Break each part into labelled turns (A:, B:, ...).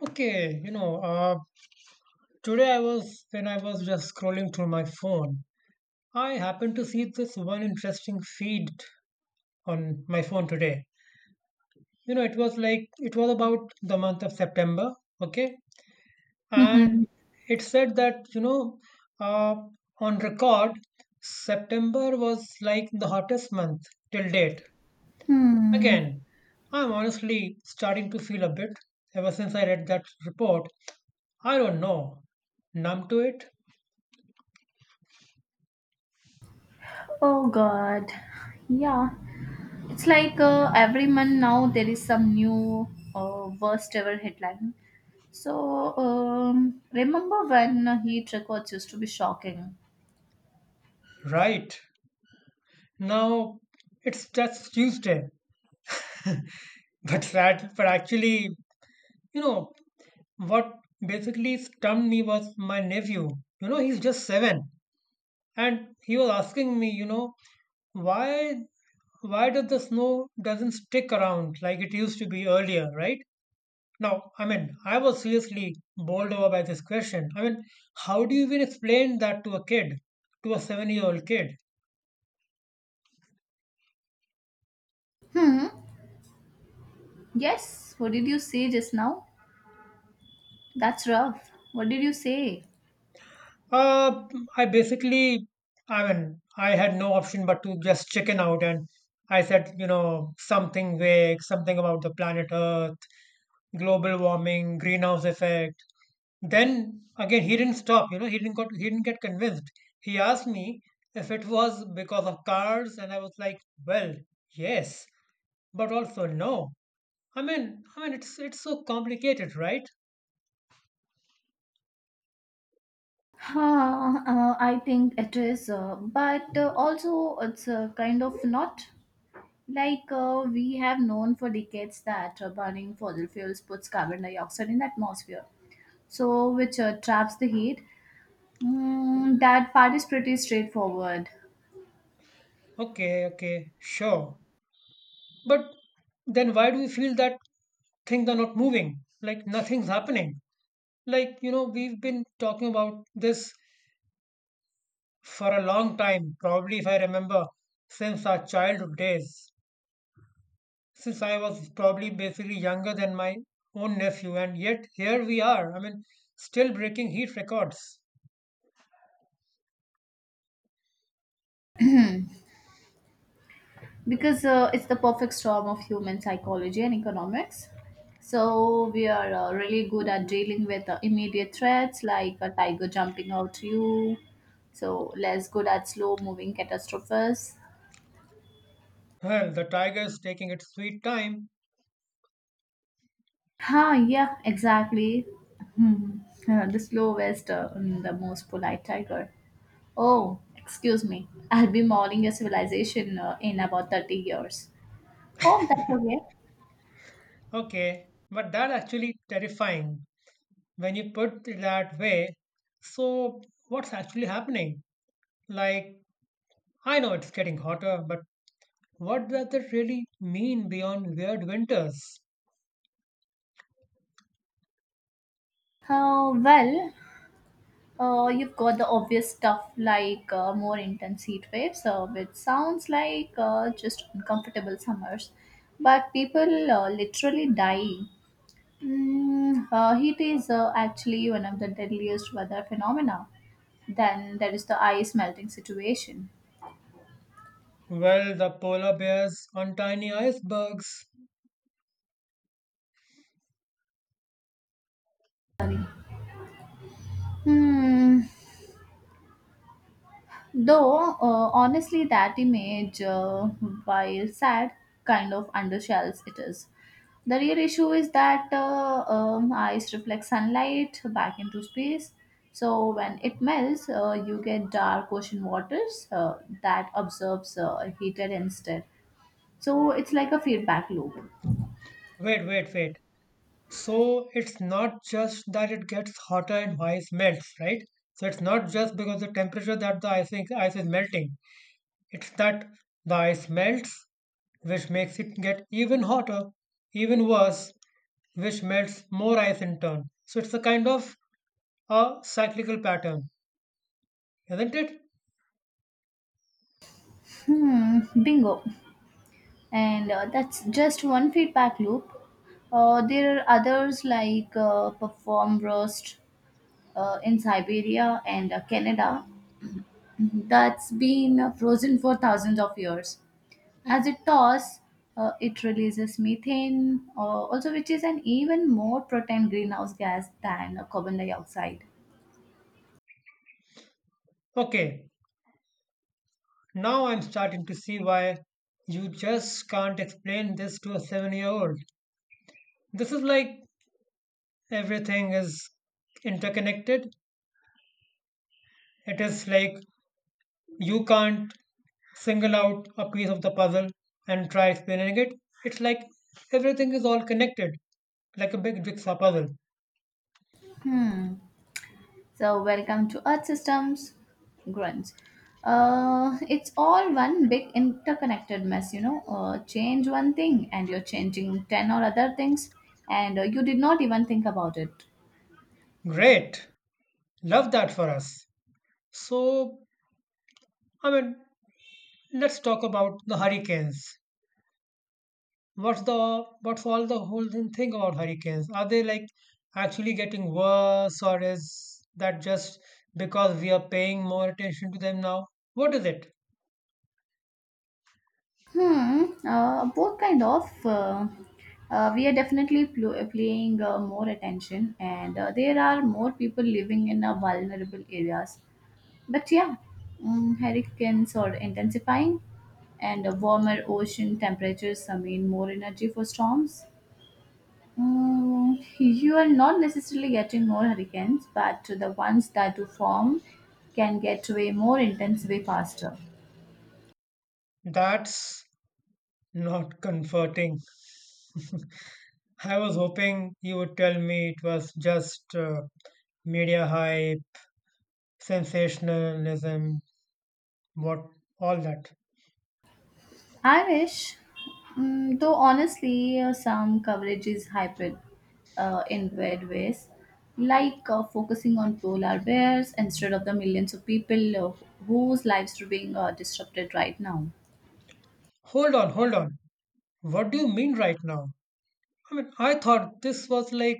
A: Okay, you know, uh, Today I was when I was just scrolling through my phone. I happened to see this one interesting feed on my phone today. You know, it was about the month of September, okay? And
B: Mhm.
A: it said that, uh, on record, September was like the hottest month till date.
B: Hmm.
A: Again, I'm honestly starting to feel a bit ever since I read that report. I don't know, numb to it.
B: Oh God. Yeah. It's like every month now there is some new worst ever headline. So remember when heat records used to be shocking?
A: Right. Now it's just Tuesday. But sad. But actually, you know, what basically stumped me was my nephew. You know, he's just seven. And he was asking me, you know, why why does the snow doesn't stick around like it used to be earlier, right? Now, I mean, I was seriously bowled over by this question. I mean, how do you even explain that to a kid, to a 7 year old kid?
B: Hmm. Yes. What did you say just now? That's rough. What did you say?
A: Uh, I basically, I mean, I had no option but to just chicken out. And I said, you know, something vague, something about the planet Earth, global warming, greenhouse effect. Then again, he didn't stop. You know, he didn't get convinced. He asked me if it was because of cars, and I was like, well, yes, but also no. I mean, it's so complicated, right?
B: I think it is, but also it's kind of not. Like we have known for decades that burning fossil fuels puts carbon dioxide in the atmosphere, so which traps the heat. That part is pretty straightforward
A: Okay, okay, sure. But then why do we feel that things are not moving? Like nothing's happening. Like, you know, we've been talking about this for a long time, probably if I remember, since our childhood days, since I was probably basically younger than my own nephew, and yet here we are. I mean, still breaking heat records.
B: because it's the perfect storm of human psychology and economics. So we are really good at dealing with immediate threats like a tiger jumping out you. So less good at slow moving catastrophes.
A: Well, the tiger is taking its sweet time.
B: Yeah, exactly. Hmm. The slowest and the most polite tiger. Oh, excuse me. I'll be mourning a civilization in about 30 years. Hope that's okay.
A: Okay, but that actually terrifying when you put it that way. So, what's actually happening? Like, I know it's getting hotter, but what does it really mean beyond weird winters?
B: Well, you've got the obvious stuff like more intense heat waves, which sounds like just uncomfortable summers, but people literally die. Heat is actually one of the deadliest weather phenomena. Then there is the ice melting situation.
A: Well, the polar bears on tiny icebergs.
B: Hmm. Though honestly, that image, while sad, kind of undersells it is. The real issue is that ice reflects sunlight back into space. So when it melts, you get dark ocean waters that absorbs heated instead. So it's like a feedback loop.
A: Wait, wait, wait. So it's not just that it gets hotter and ice melts, right? So it's not just because the temperature that the ice is melting. It's that the ice melts, which makes it get even hotter, even worse, which melts more ice in turn. So it's a kind of a cyclical pattern, isn't it?
B: Hmm, bingo. And that's just one feedback loop. There are others like Perform Roast in Siberia and Canada that's been frozen for thousands of years. As it thaws, it releases methane, also, which is an even more potent greenhouse gas than carbon dioxide.
A: Okay, now I'm starting to see why you just can't explain this to a 7 year old. This is like everything is interconnected. It is like you can't single out a piece of the puzzle and try explaining it. It's like everything is all connected, like a big jigsaw puzzle.
B: So, welcome to Earth Systems, grunts. It's all one big interconnected mess, you know. Change one thing and you're changing 10 or other things, and you did not even think about it.
A: Great, love that for us. So, I mean, let's talk about the hurricanes. What's all the whole thing think about hurricanes? Are they like actually getting worse, or is that just because we are paying more attention to them now? What is it?
B: Both kind of. We are definitely playing more attention, and there are more people living in vulnerable areas. But yeah, hurricanes are intensifying, and warmer ocean temperatures mean more energy for storms. You are not necessarily getting more hurricanes, but the ones that do form can get way more intense way faster.
A: That's not comforting. I was hoping you would tell me it was just media hype, sensationalism, what all that.
B: I wish, though honestly, some coverage is hyped in weird ways, like focusing on polar bears instead of the millions of people whose lives are being disrupted right now.
A: Hold on, hold on. What do you mean right now? I mean, I thought this was like,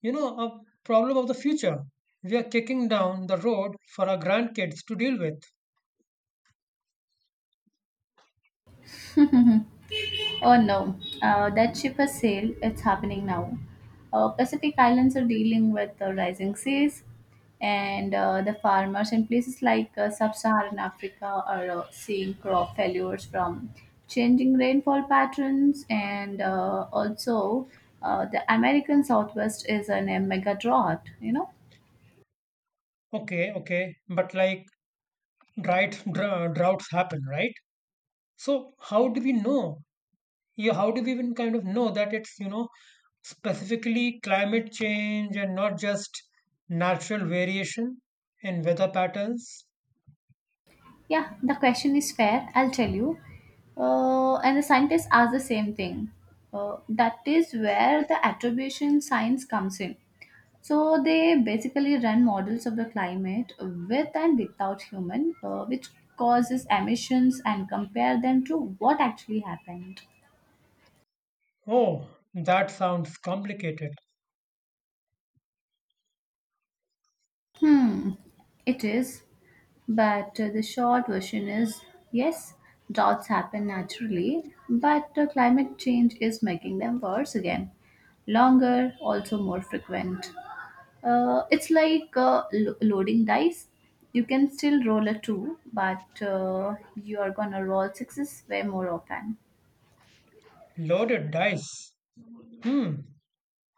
A: you know, a problem of the future. We are kicking down the road for our grandkids to deal with.
B: Oh no, that cheaper sale. It's happening now. Pacific Islands are dealing with rising seas, and the farmers in places like sub-Saharan Africa are seeing crop failures from changing rainfall patterns, and also the American Southwest is in a mega drought. You know.
A: Okay, okay, but like drought, droughts happen, right? So how do we know? Yeah, how do we even kind of know that it's, you know, specifically climate change and not just natural variation in weather patterns?
B: Yeah, the question is fair. I'll tell you. And the scientists ask the same thing. That is where the attribution science comes in. So they basically run models of the climate with and without human, which causes emissions, and compare them to what actually happened.
A: Oh, that sounds complicated.
B: Hmm, it is. But the short version is yes, droughts happen naturally, but climate change is making them worse again. Longer, also more frequent. It's like loading dice. You can still roll a two, but you are gonna roll sixes way more often.
A: Loaded dice. Hmm,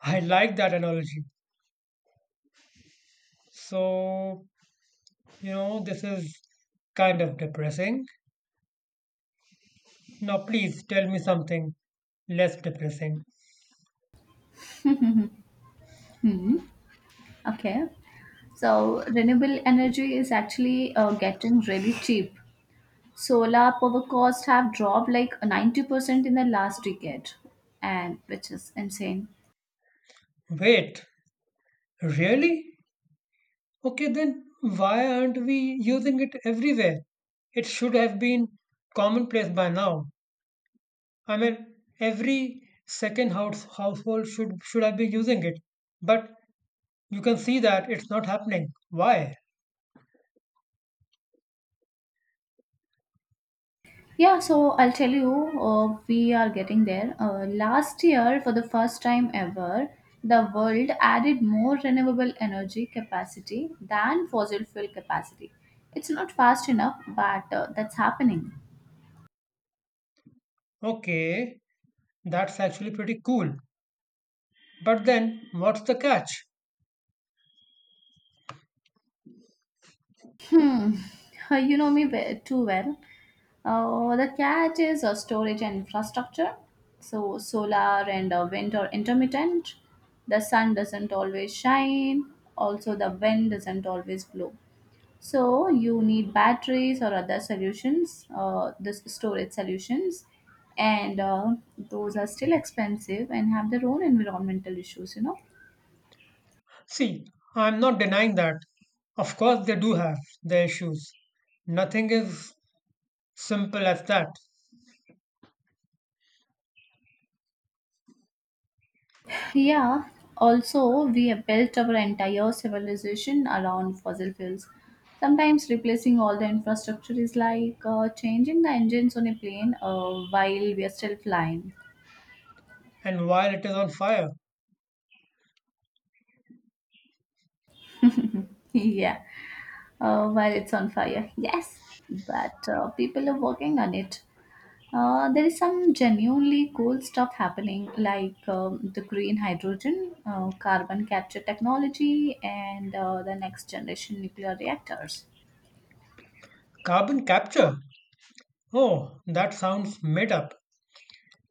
A: I like that analogy. So, you know, this is kind of depressing. Now, please tell me something less depressing.
B: Okay, so renewable energy is actually getting really cheap. Solar power costs have dropped like 90% in the last decade, and which is insane.
A: Wait, really? Okay, then why aren't we using it everywhere? It should have been commonplace by now. I mean, every second house, household should have been using it. But you can see that it's not happening. Why?
B: Yeah, so I'll tell you. We are getting there. Last year, for the first time ever, the world added more renewable energy capacity than fossil fuel capacity. It's not fast enough, but that's happening.
A: Okay, that's actually pretty cool. But then, what's the catch?
B: Hmm. You know me too well. The catch is storage and infrastructure. So solar and wind are intermittent. The sun doesn't always shine. Also, the wind doesn't always blow. So you need batteries or other solutions, this storage solutions, and those are still expensive and have their own environmental issues. You know.
A: See, I'm not denying that. Of course, they do have their issues. Nothing is simple as that.
B: Yeah, also, we have built our entire civilization around fossil fuels. Sometimes replacing all the infrastructure is like changing the engines on a plane while we are still flying.
A: And while it is on fire,
B: Yeah, while it's on fire. Yes, but people are working on it. There is some genuinely cool stuff happening, like the green hydrogen, carbon capture technology, and the next generation nuclear reactors.
A: carbon capture. Oh, that sounds made up.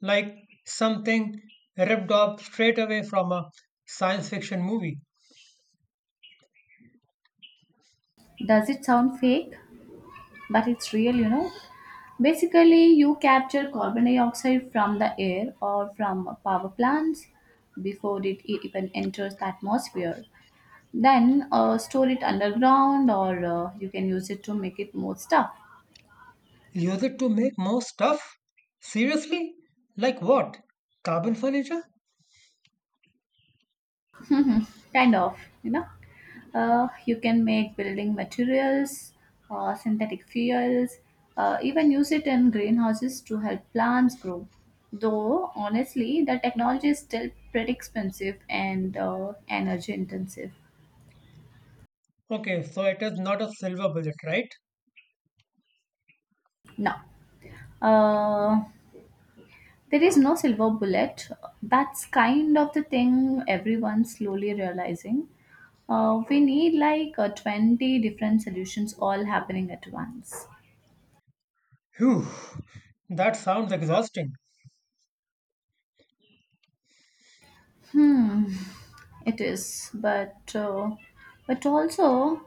A: Like something ripped off straight away from a science fiction movie.
B: Does it sound fake? But it's real, you know. Basically, you capture carbon dioxide from the air or from power plants before it even enters the atmosphere. Then store it underground, or you can use it to make it more stuff.
A: Use it to make more stuff? Seriously? Like what? Carbon furniture?
B: Kind of, you know. You can make building materials, synthetic fuels, even use it in greenhouses to help plants grow. Though honestly the technology is still pretty expensive and energy intensive.
A: Okay, so it is not a silver bullet, right?
B: Now, uh, there is no silver bullet. That's kind of the thing everyone's slowly realizing. We need like 20 different solutions all happening at once.
A: Phew, that sounds exhausting.
B: Hmm, it is, but also,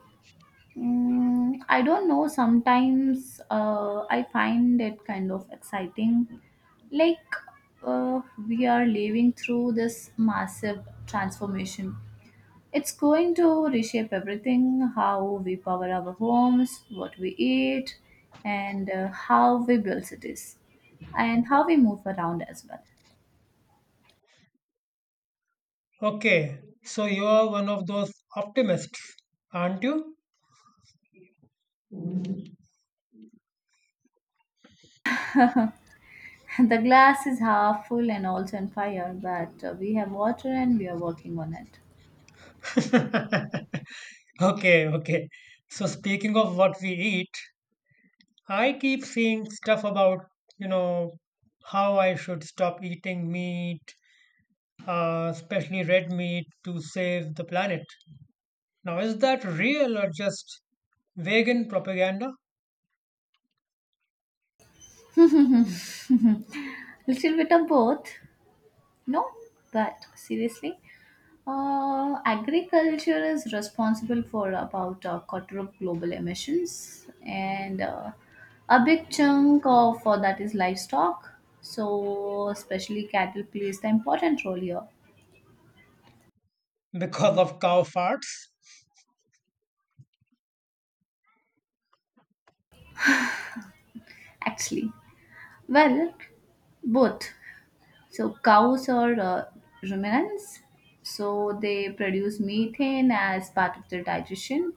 B: I don't know. Sometimes I find it kind of exciting, like uh, we are living through this massive transformation. It's going to reshape everything: how we power our homes, what we eat, and how we build cities, and how we move around as well.
A: Okay, so you are one of those optimists, aren't you?
B: The glass is half full and also on fire, but we have water and we are working on it.
A: Okay, okay. So speaking of what we eat, I keep seeing stuff about, you know, how I should stop eating meat, especially red meat, to save the planet. Now, is that real or just vegan propaganda?
B: Little bit of both. No, but seriously, agriculture is responsible for about a quarter of global emissions, and a big chunk of that is livestock. So, especially cattle plays the important role here,
A: Because of cow farts?
B: actually. Well, both. So cows are ruminants, so they produce methane as part of their digestion,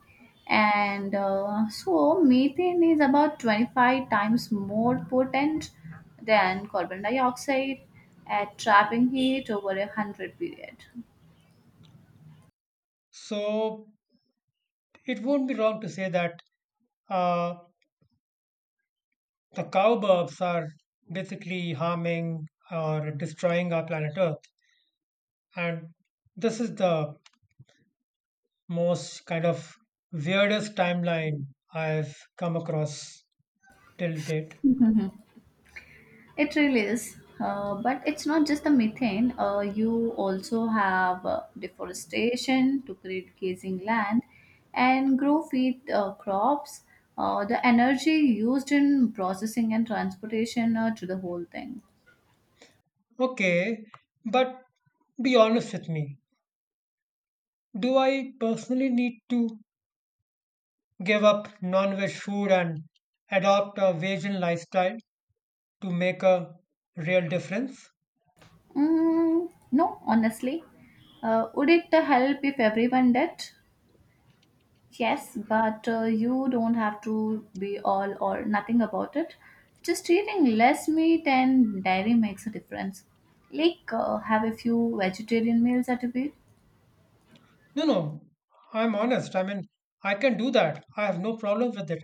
B: and so methane is about 25 times more potent than carbon dioxide at trapping heat over a 100 period.
A: So it won't be wrong to say that. Uh, The cowbirds are basically harming or destroying our planet Earth. And this is the most kind of weirdest timeline I've come across till date.
B: It really is. But it's not just the methane. You also have deforestation to create grazing land and grow feed crops. The energy used in processing and transportation to the whole thing.
A: Okay, but be honest with me. Do I personally need to give up non veg food and adopt a vegan lifestyle to make a real difference?
B: Mm, no, honestly. Would it help if everyone did? Yes, but you don't have to be all or nothing about it. Just eating less meat and dairy makes a difference. Like, have a few vegetarian meals at a week.
A: No, no, I'm honest. I mean, I can do that. I have no problem with it.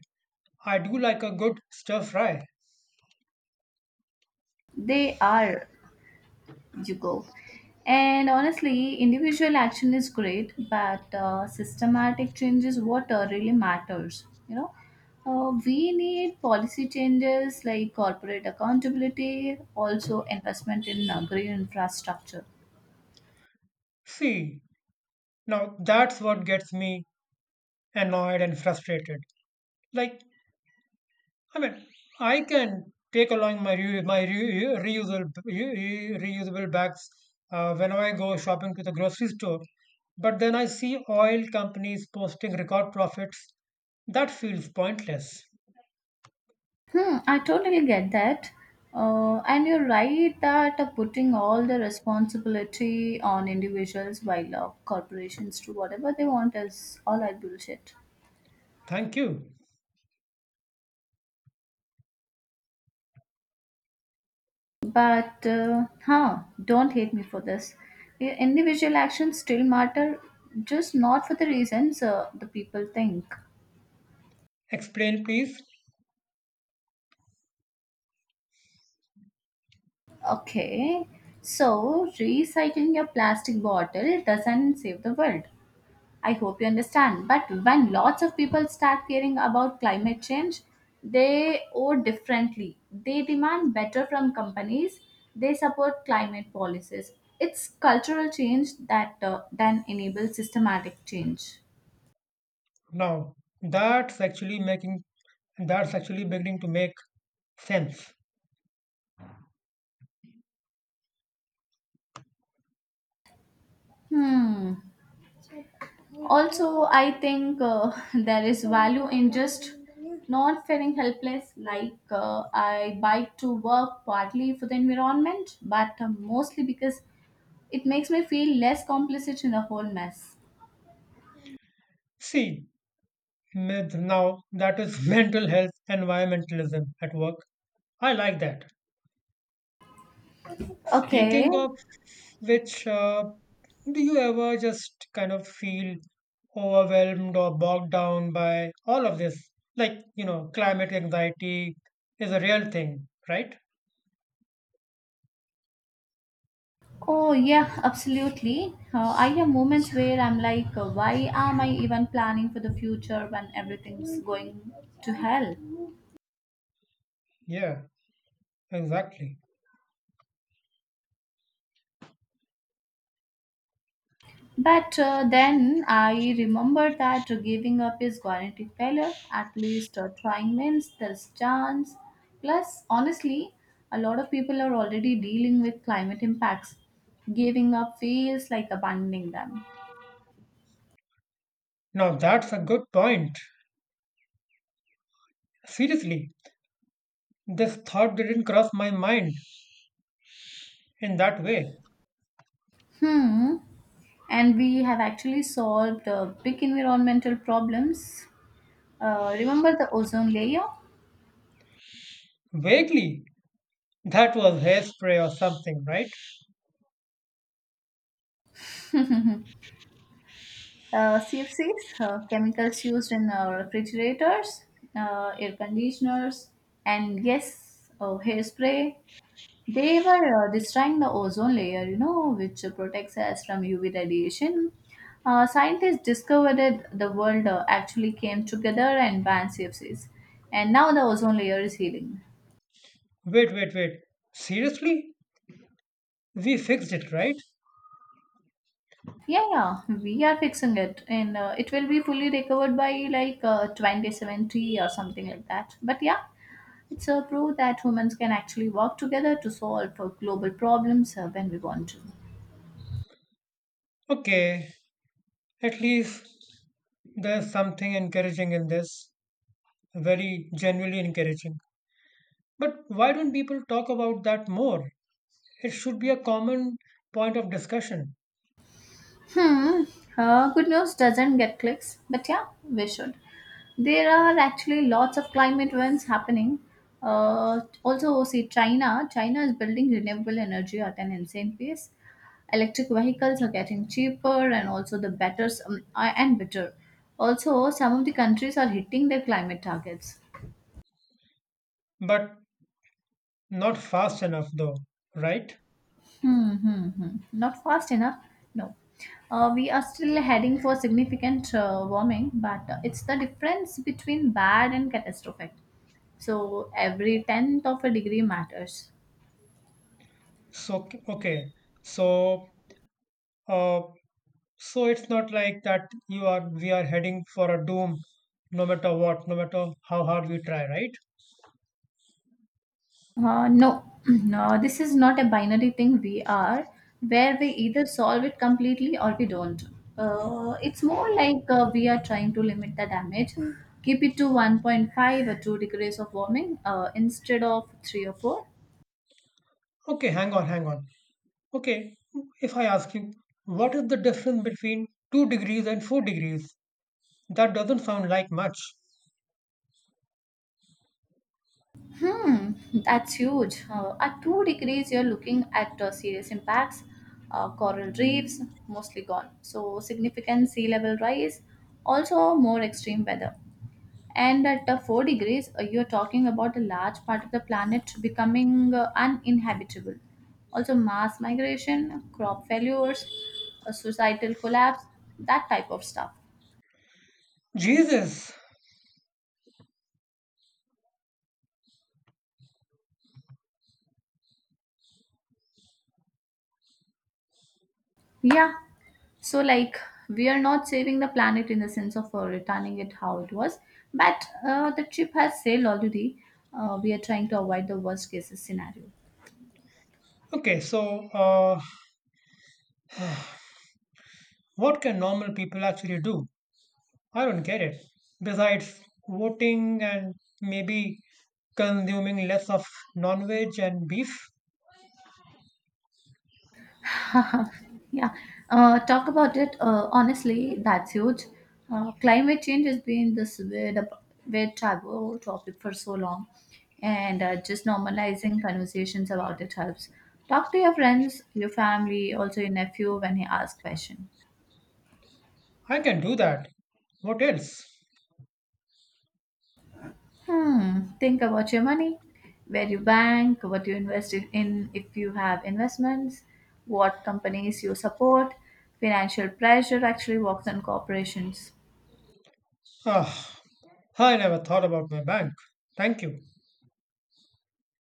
A: I do like a good stir fry.
B: They are you go. And honestly, individual action is great, but systematic changes what really matters. You know, we need policy changes like corporate accountability, also investment in green infrastructure.
A: See, now that's what gets me annoyed and frustrated. Like, I mean, I can take along reusable reusable bags whenever I go shopping to the grocery store, but then I see oil companies posting record profits. That feels pointless.
B: Hmm, I totally get that. And you're right that putting all the responsibility on individuals while corporations do whatever they want is all that bullshit.
A: Thank you.
B: But, don't hate me for this. Individual actions still matter, just not for the reasons the people think.
A: Explain, please.
B: Okay, so recycling your plastic bottle doesn't save the world. I hope you understand. But when lots of people start caring about climate change, they owe differently. They demand better from companies. They support climate policies. It's cultural change that then enables systematic change.
A: Now that's actually making That's actually beginning to make sense.
B: Hmm. Also, I think there is value in just not feeling helpless. Like I bike to work partly for the environment, but mostly because it makes me feel less complicit in the whole mess.
A: See, myth now that is mental health environmentalism at work. I like that.
B: Okay.
A: Speaking of which, do you ever just kind of feel overwhelmed or bogged down by all of this? Like, you know, climate anxiety is a real thing, right?
B: Oh, yeah, absolutely. I have moments where I'm like, why am I even planning for the future when everything's going to hell?
A: Yeah, exactly.
B: But then I remember that giving up is guaranteed failure. At least trying means there's chance. Plus, honestly, a lot of people are already dealing with climate impacts. Giving up feels like abandoning them.
A: Now that's a good point. Seriously, this thought didn't cross my mind in that way.
B: Hmm. And we have actually solved big environmental problems. Remember the ozone layer,
A: Vaguely, that was hairspray or something, right?
B: CFCs, chemicals used in refrigerators, air conditioners, and yes, hairspray. They were destroying the ozone layer, you know, which protects us from UV radiation. Scientists discovered that the world actually came together and banned CFCs. And now the ozone layer is healing.
A: Wait, wait, wait. Seriously? We fixed it, right?
B: Yeah, yeah, we are fixing it, and it will be fully recovered by like 2070 or something like that. But yeah, it's a proof that humans can actually work together to solve global problems when we want to.
A: Okay, at least there's something encouraging in this. Very genuinely encouraging. But why don't people talk about that more? It should be a common point of discussion,
B: Hmm. Good news doesn't get clicks, but yeah, we should. There are actually lots of climate events happening. Also, see China. China is building renewable energy at an insane pace. Electric vehicles are getting cheaper, and also the better and better. Also, some of the countries are hitting their climate targets.
A: but not fast enough, though, right?
B: Hmm, hmm, hmm. Not fast enough? No. We are still heading for significant warming, but it's the difference between bad and catastrophic. So every tenth of a degree matters.
A: So, okay, so uh, so it's not like that you are we are heading for a doom no matter what, no matter how hard we try, right?
B: No, no, this is not a binary thing we are, where we either solve it completely or we don't. It's more like we are trying to limit the damage, keep it to 1.5 or 2 degrees of warming instead of 3 or 4.
A: Okay, hang on, hang on. Okay, if I ask you, what is the difference between 2 degrees and 4 degrees? That doesn't sound like much.
B: Hmm, that's huge. At 2 degrees, you're looking at serious impacts. Coral reefs mostly gone. So significant sea level rise, also more extreme weather. And at 4 degrees, you're talking about a large part of the planet becoming uninhabitable. Also, mass migration, crop failures, a societal collapse, that type of stuff.
A: Jesus.
B: Yeah. So, like, we are not saving the planet in the sense of returning it how it was, but the ship has sailed already. We are trying to avoid the worst case scenario.
A: Okay, what can normal people actually do? I don't get it. Besides voting and maybe consuming less of non-veg and beef,
B: yeah. Talk about it. Honestly, that's huge. Climate change has been this weird taboo topic for so long, and just normalizing conversations about it helps. Talk to your friends, your family, also your nephew when he asks question.
A: I can do that. What else?
B: Hmm. Think about your money, where you bank, what you invest if you have investments, what companies you support. Financial pressure actually works on corporations.
A: Ah, I never thought about my bank. Thank you.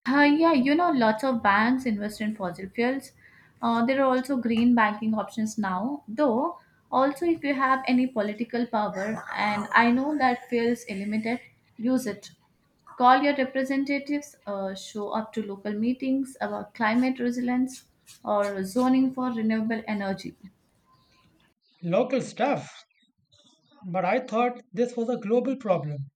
B: Yeah, you know, lots of banks invest in fossil fuels. There are also green banking options now, though, also if you have any political power, and I know that feels limited, use it. Call your representatives, show up to local meetings about climate resilience or zoning for renewable energy.
A: Local stuff. But I thought this was a global problem.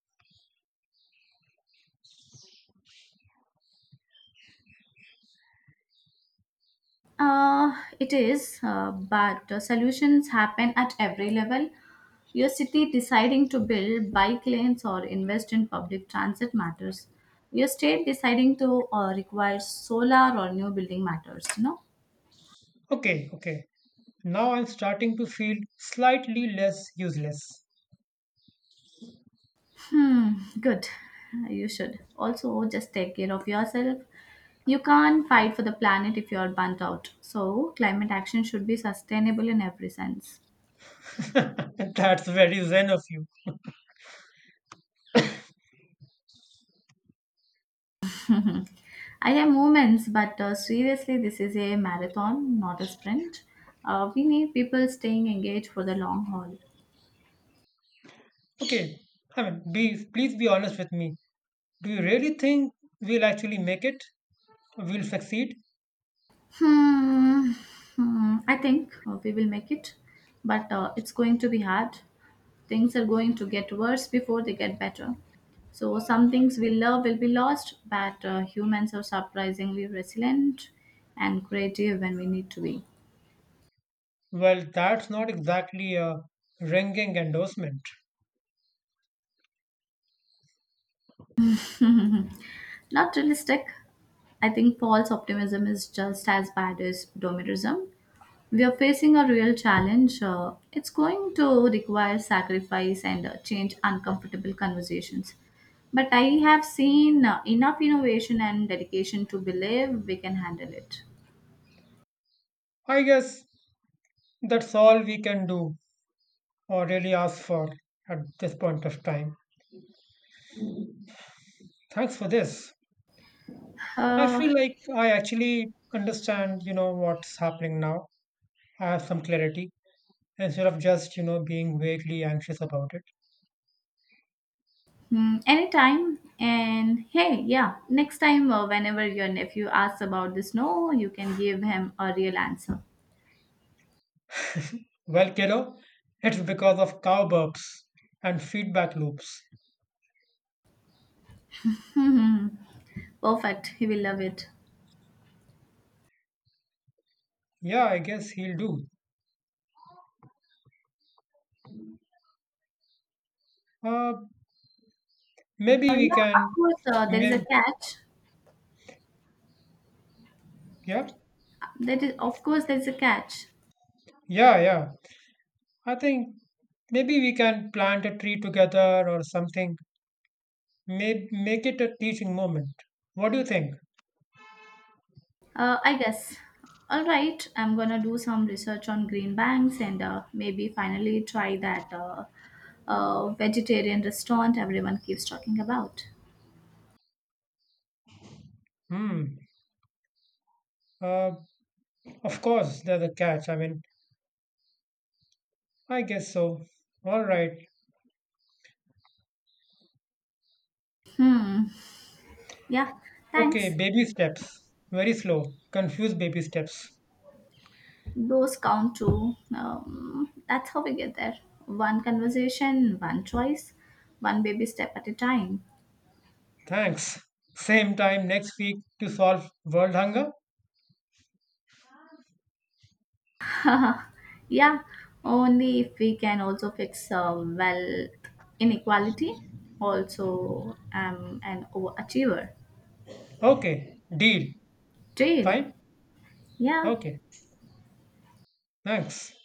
B: Uh, it is, but solutions happen at every level. Your city deciding to build bike lanes or invest in public transit matters. Your state deciding to require solar or new building matters, you know?
A: Okay, okay. Now I'm starting to feel slightly less useless.
B: Hmm, good. You should. Also, just take care of yourself. You can't fight for the planet if you're burnt out. So, climate action should be sustainable in every sense.
A: That's very zen of you.
B: I have moments, but seriously, this is a marathon, not a sprint. We need people staying engaged for the long haul.
A: Okay, I mean, please be honest with me. Do you really think we'll actually make it? We'll succeed?
B: Hmm. Hmm. I think we will make it, but it's going to be hard. Things are going to get worse before they get better. So some things we love will be lost, but humans are surprisingly resilient and creative when we need to be.
A: Well, that's not exactly a ringing endorsement.
B: Not realistic. I think false optimism is just as bad as doomerism. We are facing a real challenge. It's going to require sacrifice and change uncomfortable conversations. But I have seen enough innovation and dedication to believe we can handle it.
A: I guess that's all we can do or really ask for at this point of time. Thanks for this. I
B: Uh,
A: feel like I actually understand, you know, what's happening now. I have some clarity instead of just, you know, being vaguely anxious about it.
B: Anytime. And hey, yeah, next time, whenever your nephew asks about the snow, you can give him a real answer.
A: Well, kiddo, it's because of cow burps and feedback loops.
B: Perfect. He will love it.
A: Yeah, I guess he'll do. Uh, Maybe we can,
B: Course, there is a
A: maybe,
B: catch.
A: yeah,
B: That is, of course, there is a catch.
A: yeah. I think maybe we can plant a tree together or something. May make it a teaching moment. What do you think?
B: I guess. All right, I'm gonna do some research on green banks and maybe finally try that vegetarian restaurant everyone keeps talking about.
A: Hmm. Uh, Of course, there's a catch. I mean, I guess so. All right.
B: Hmm. Yeah.
A: Okay,
B: Thanks.
A: baby steps. Very slow. Confuse baby steps.
B: Those count too. That's how we get there. One conversation, one choice, one baby step at a time.
A: Thanks. Same time next week to solve world hunger?
B: yeah, only if we can also fix wealth inequality. Also, I'm an overachiever.
A: Okay, deal.
B: Jail.
A: Fine?
B: Yeah.
A: Okay, thanks.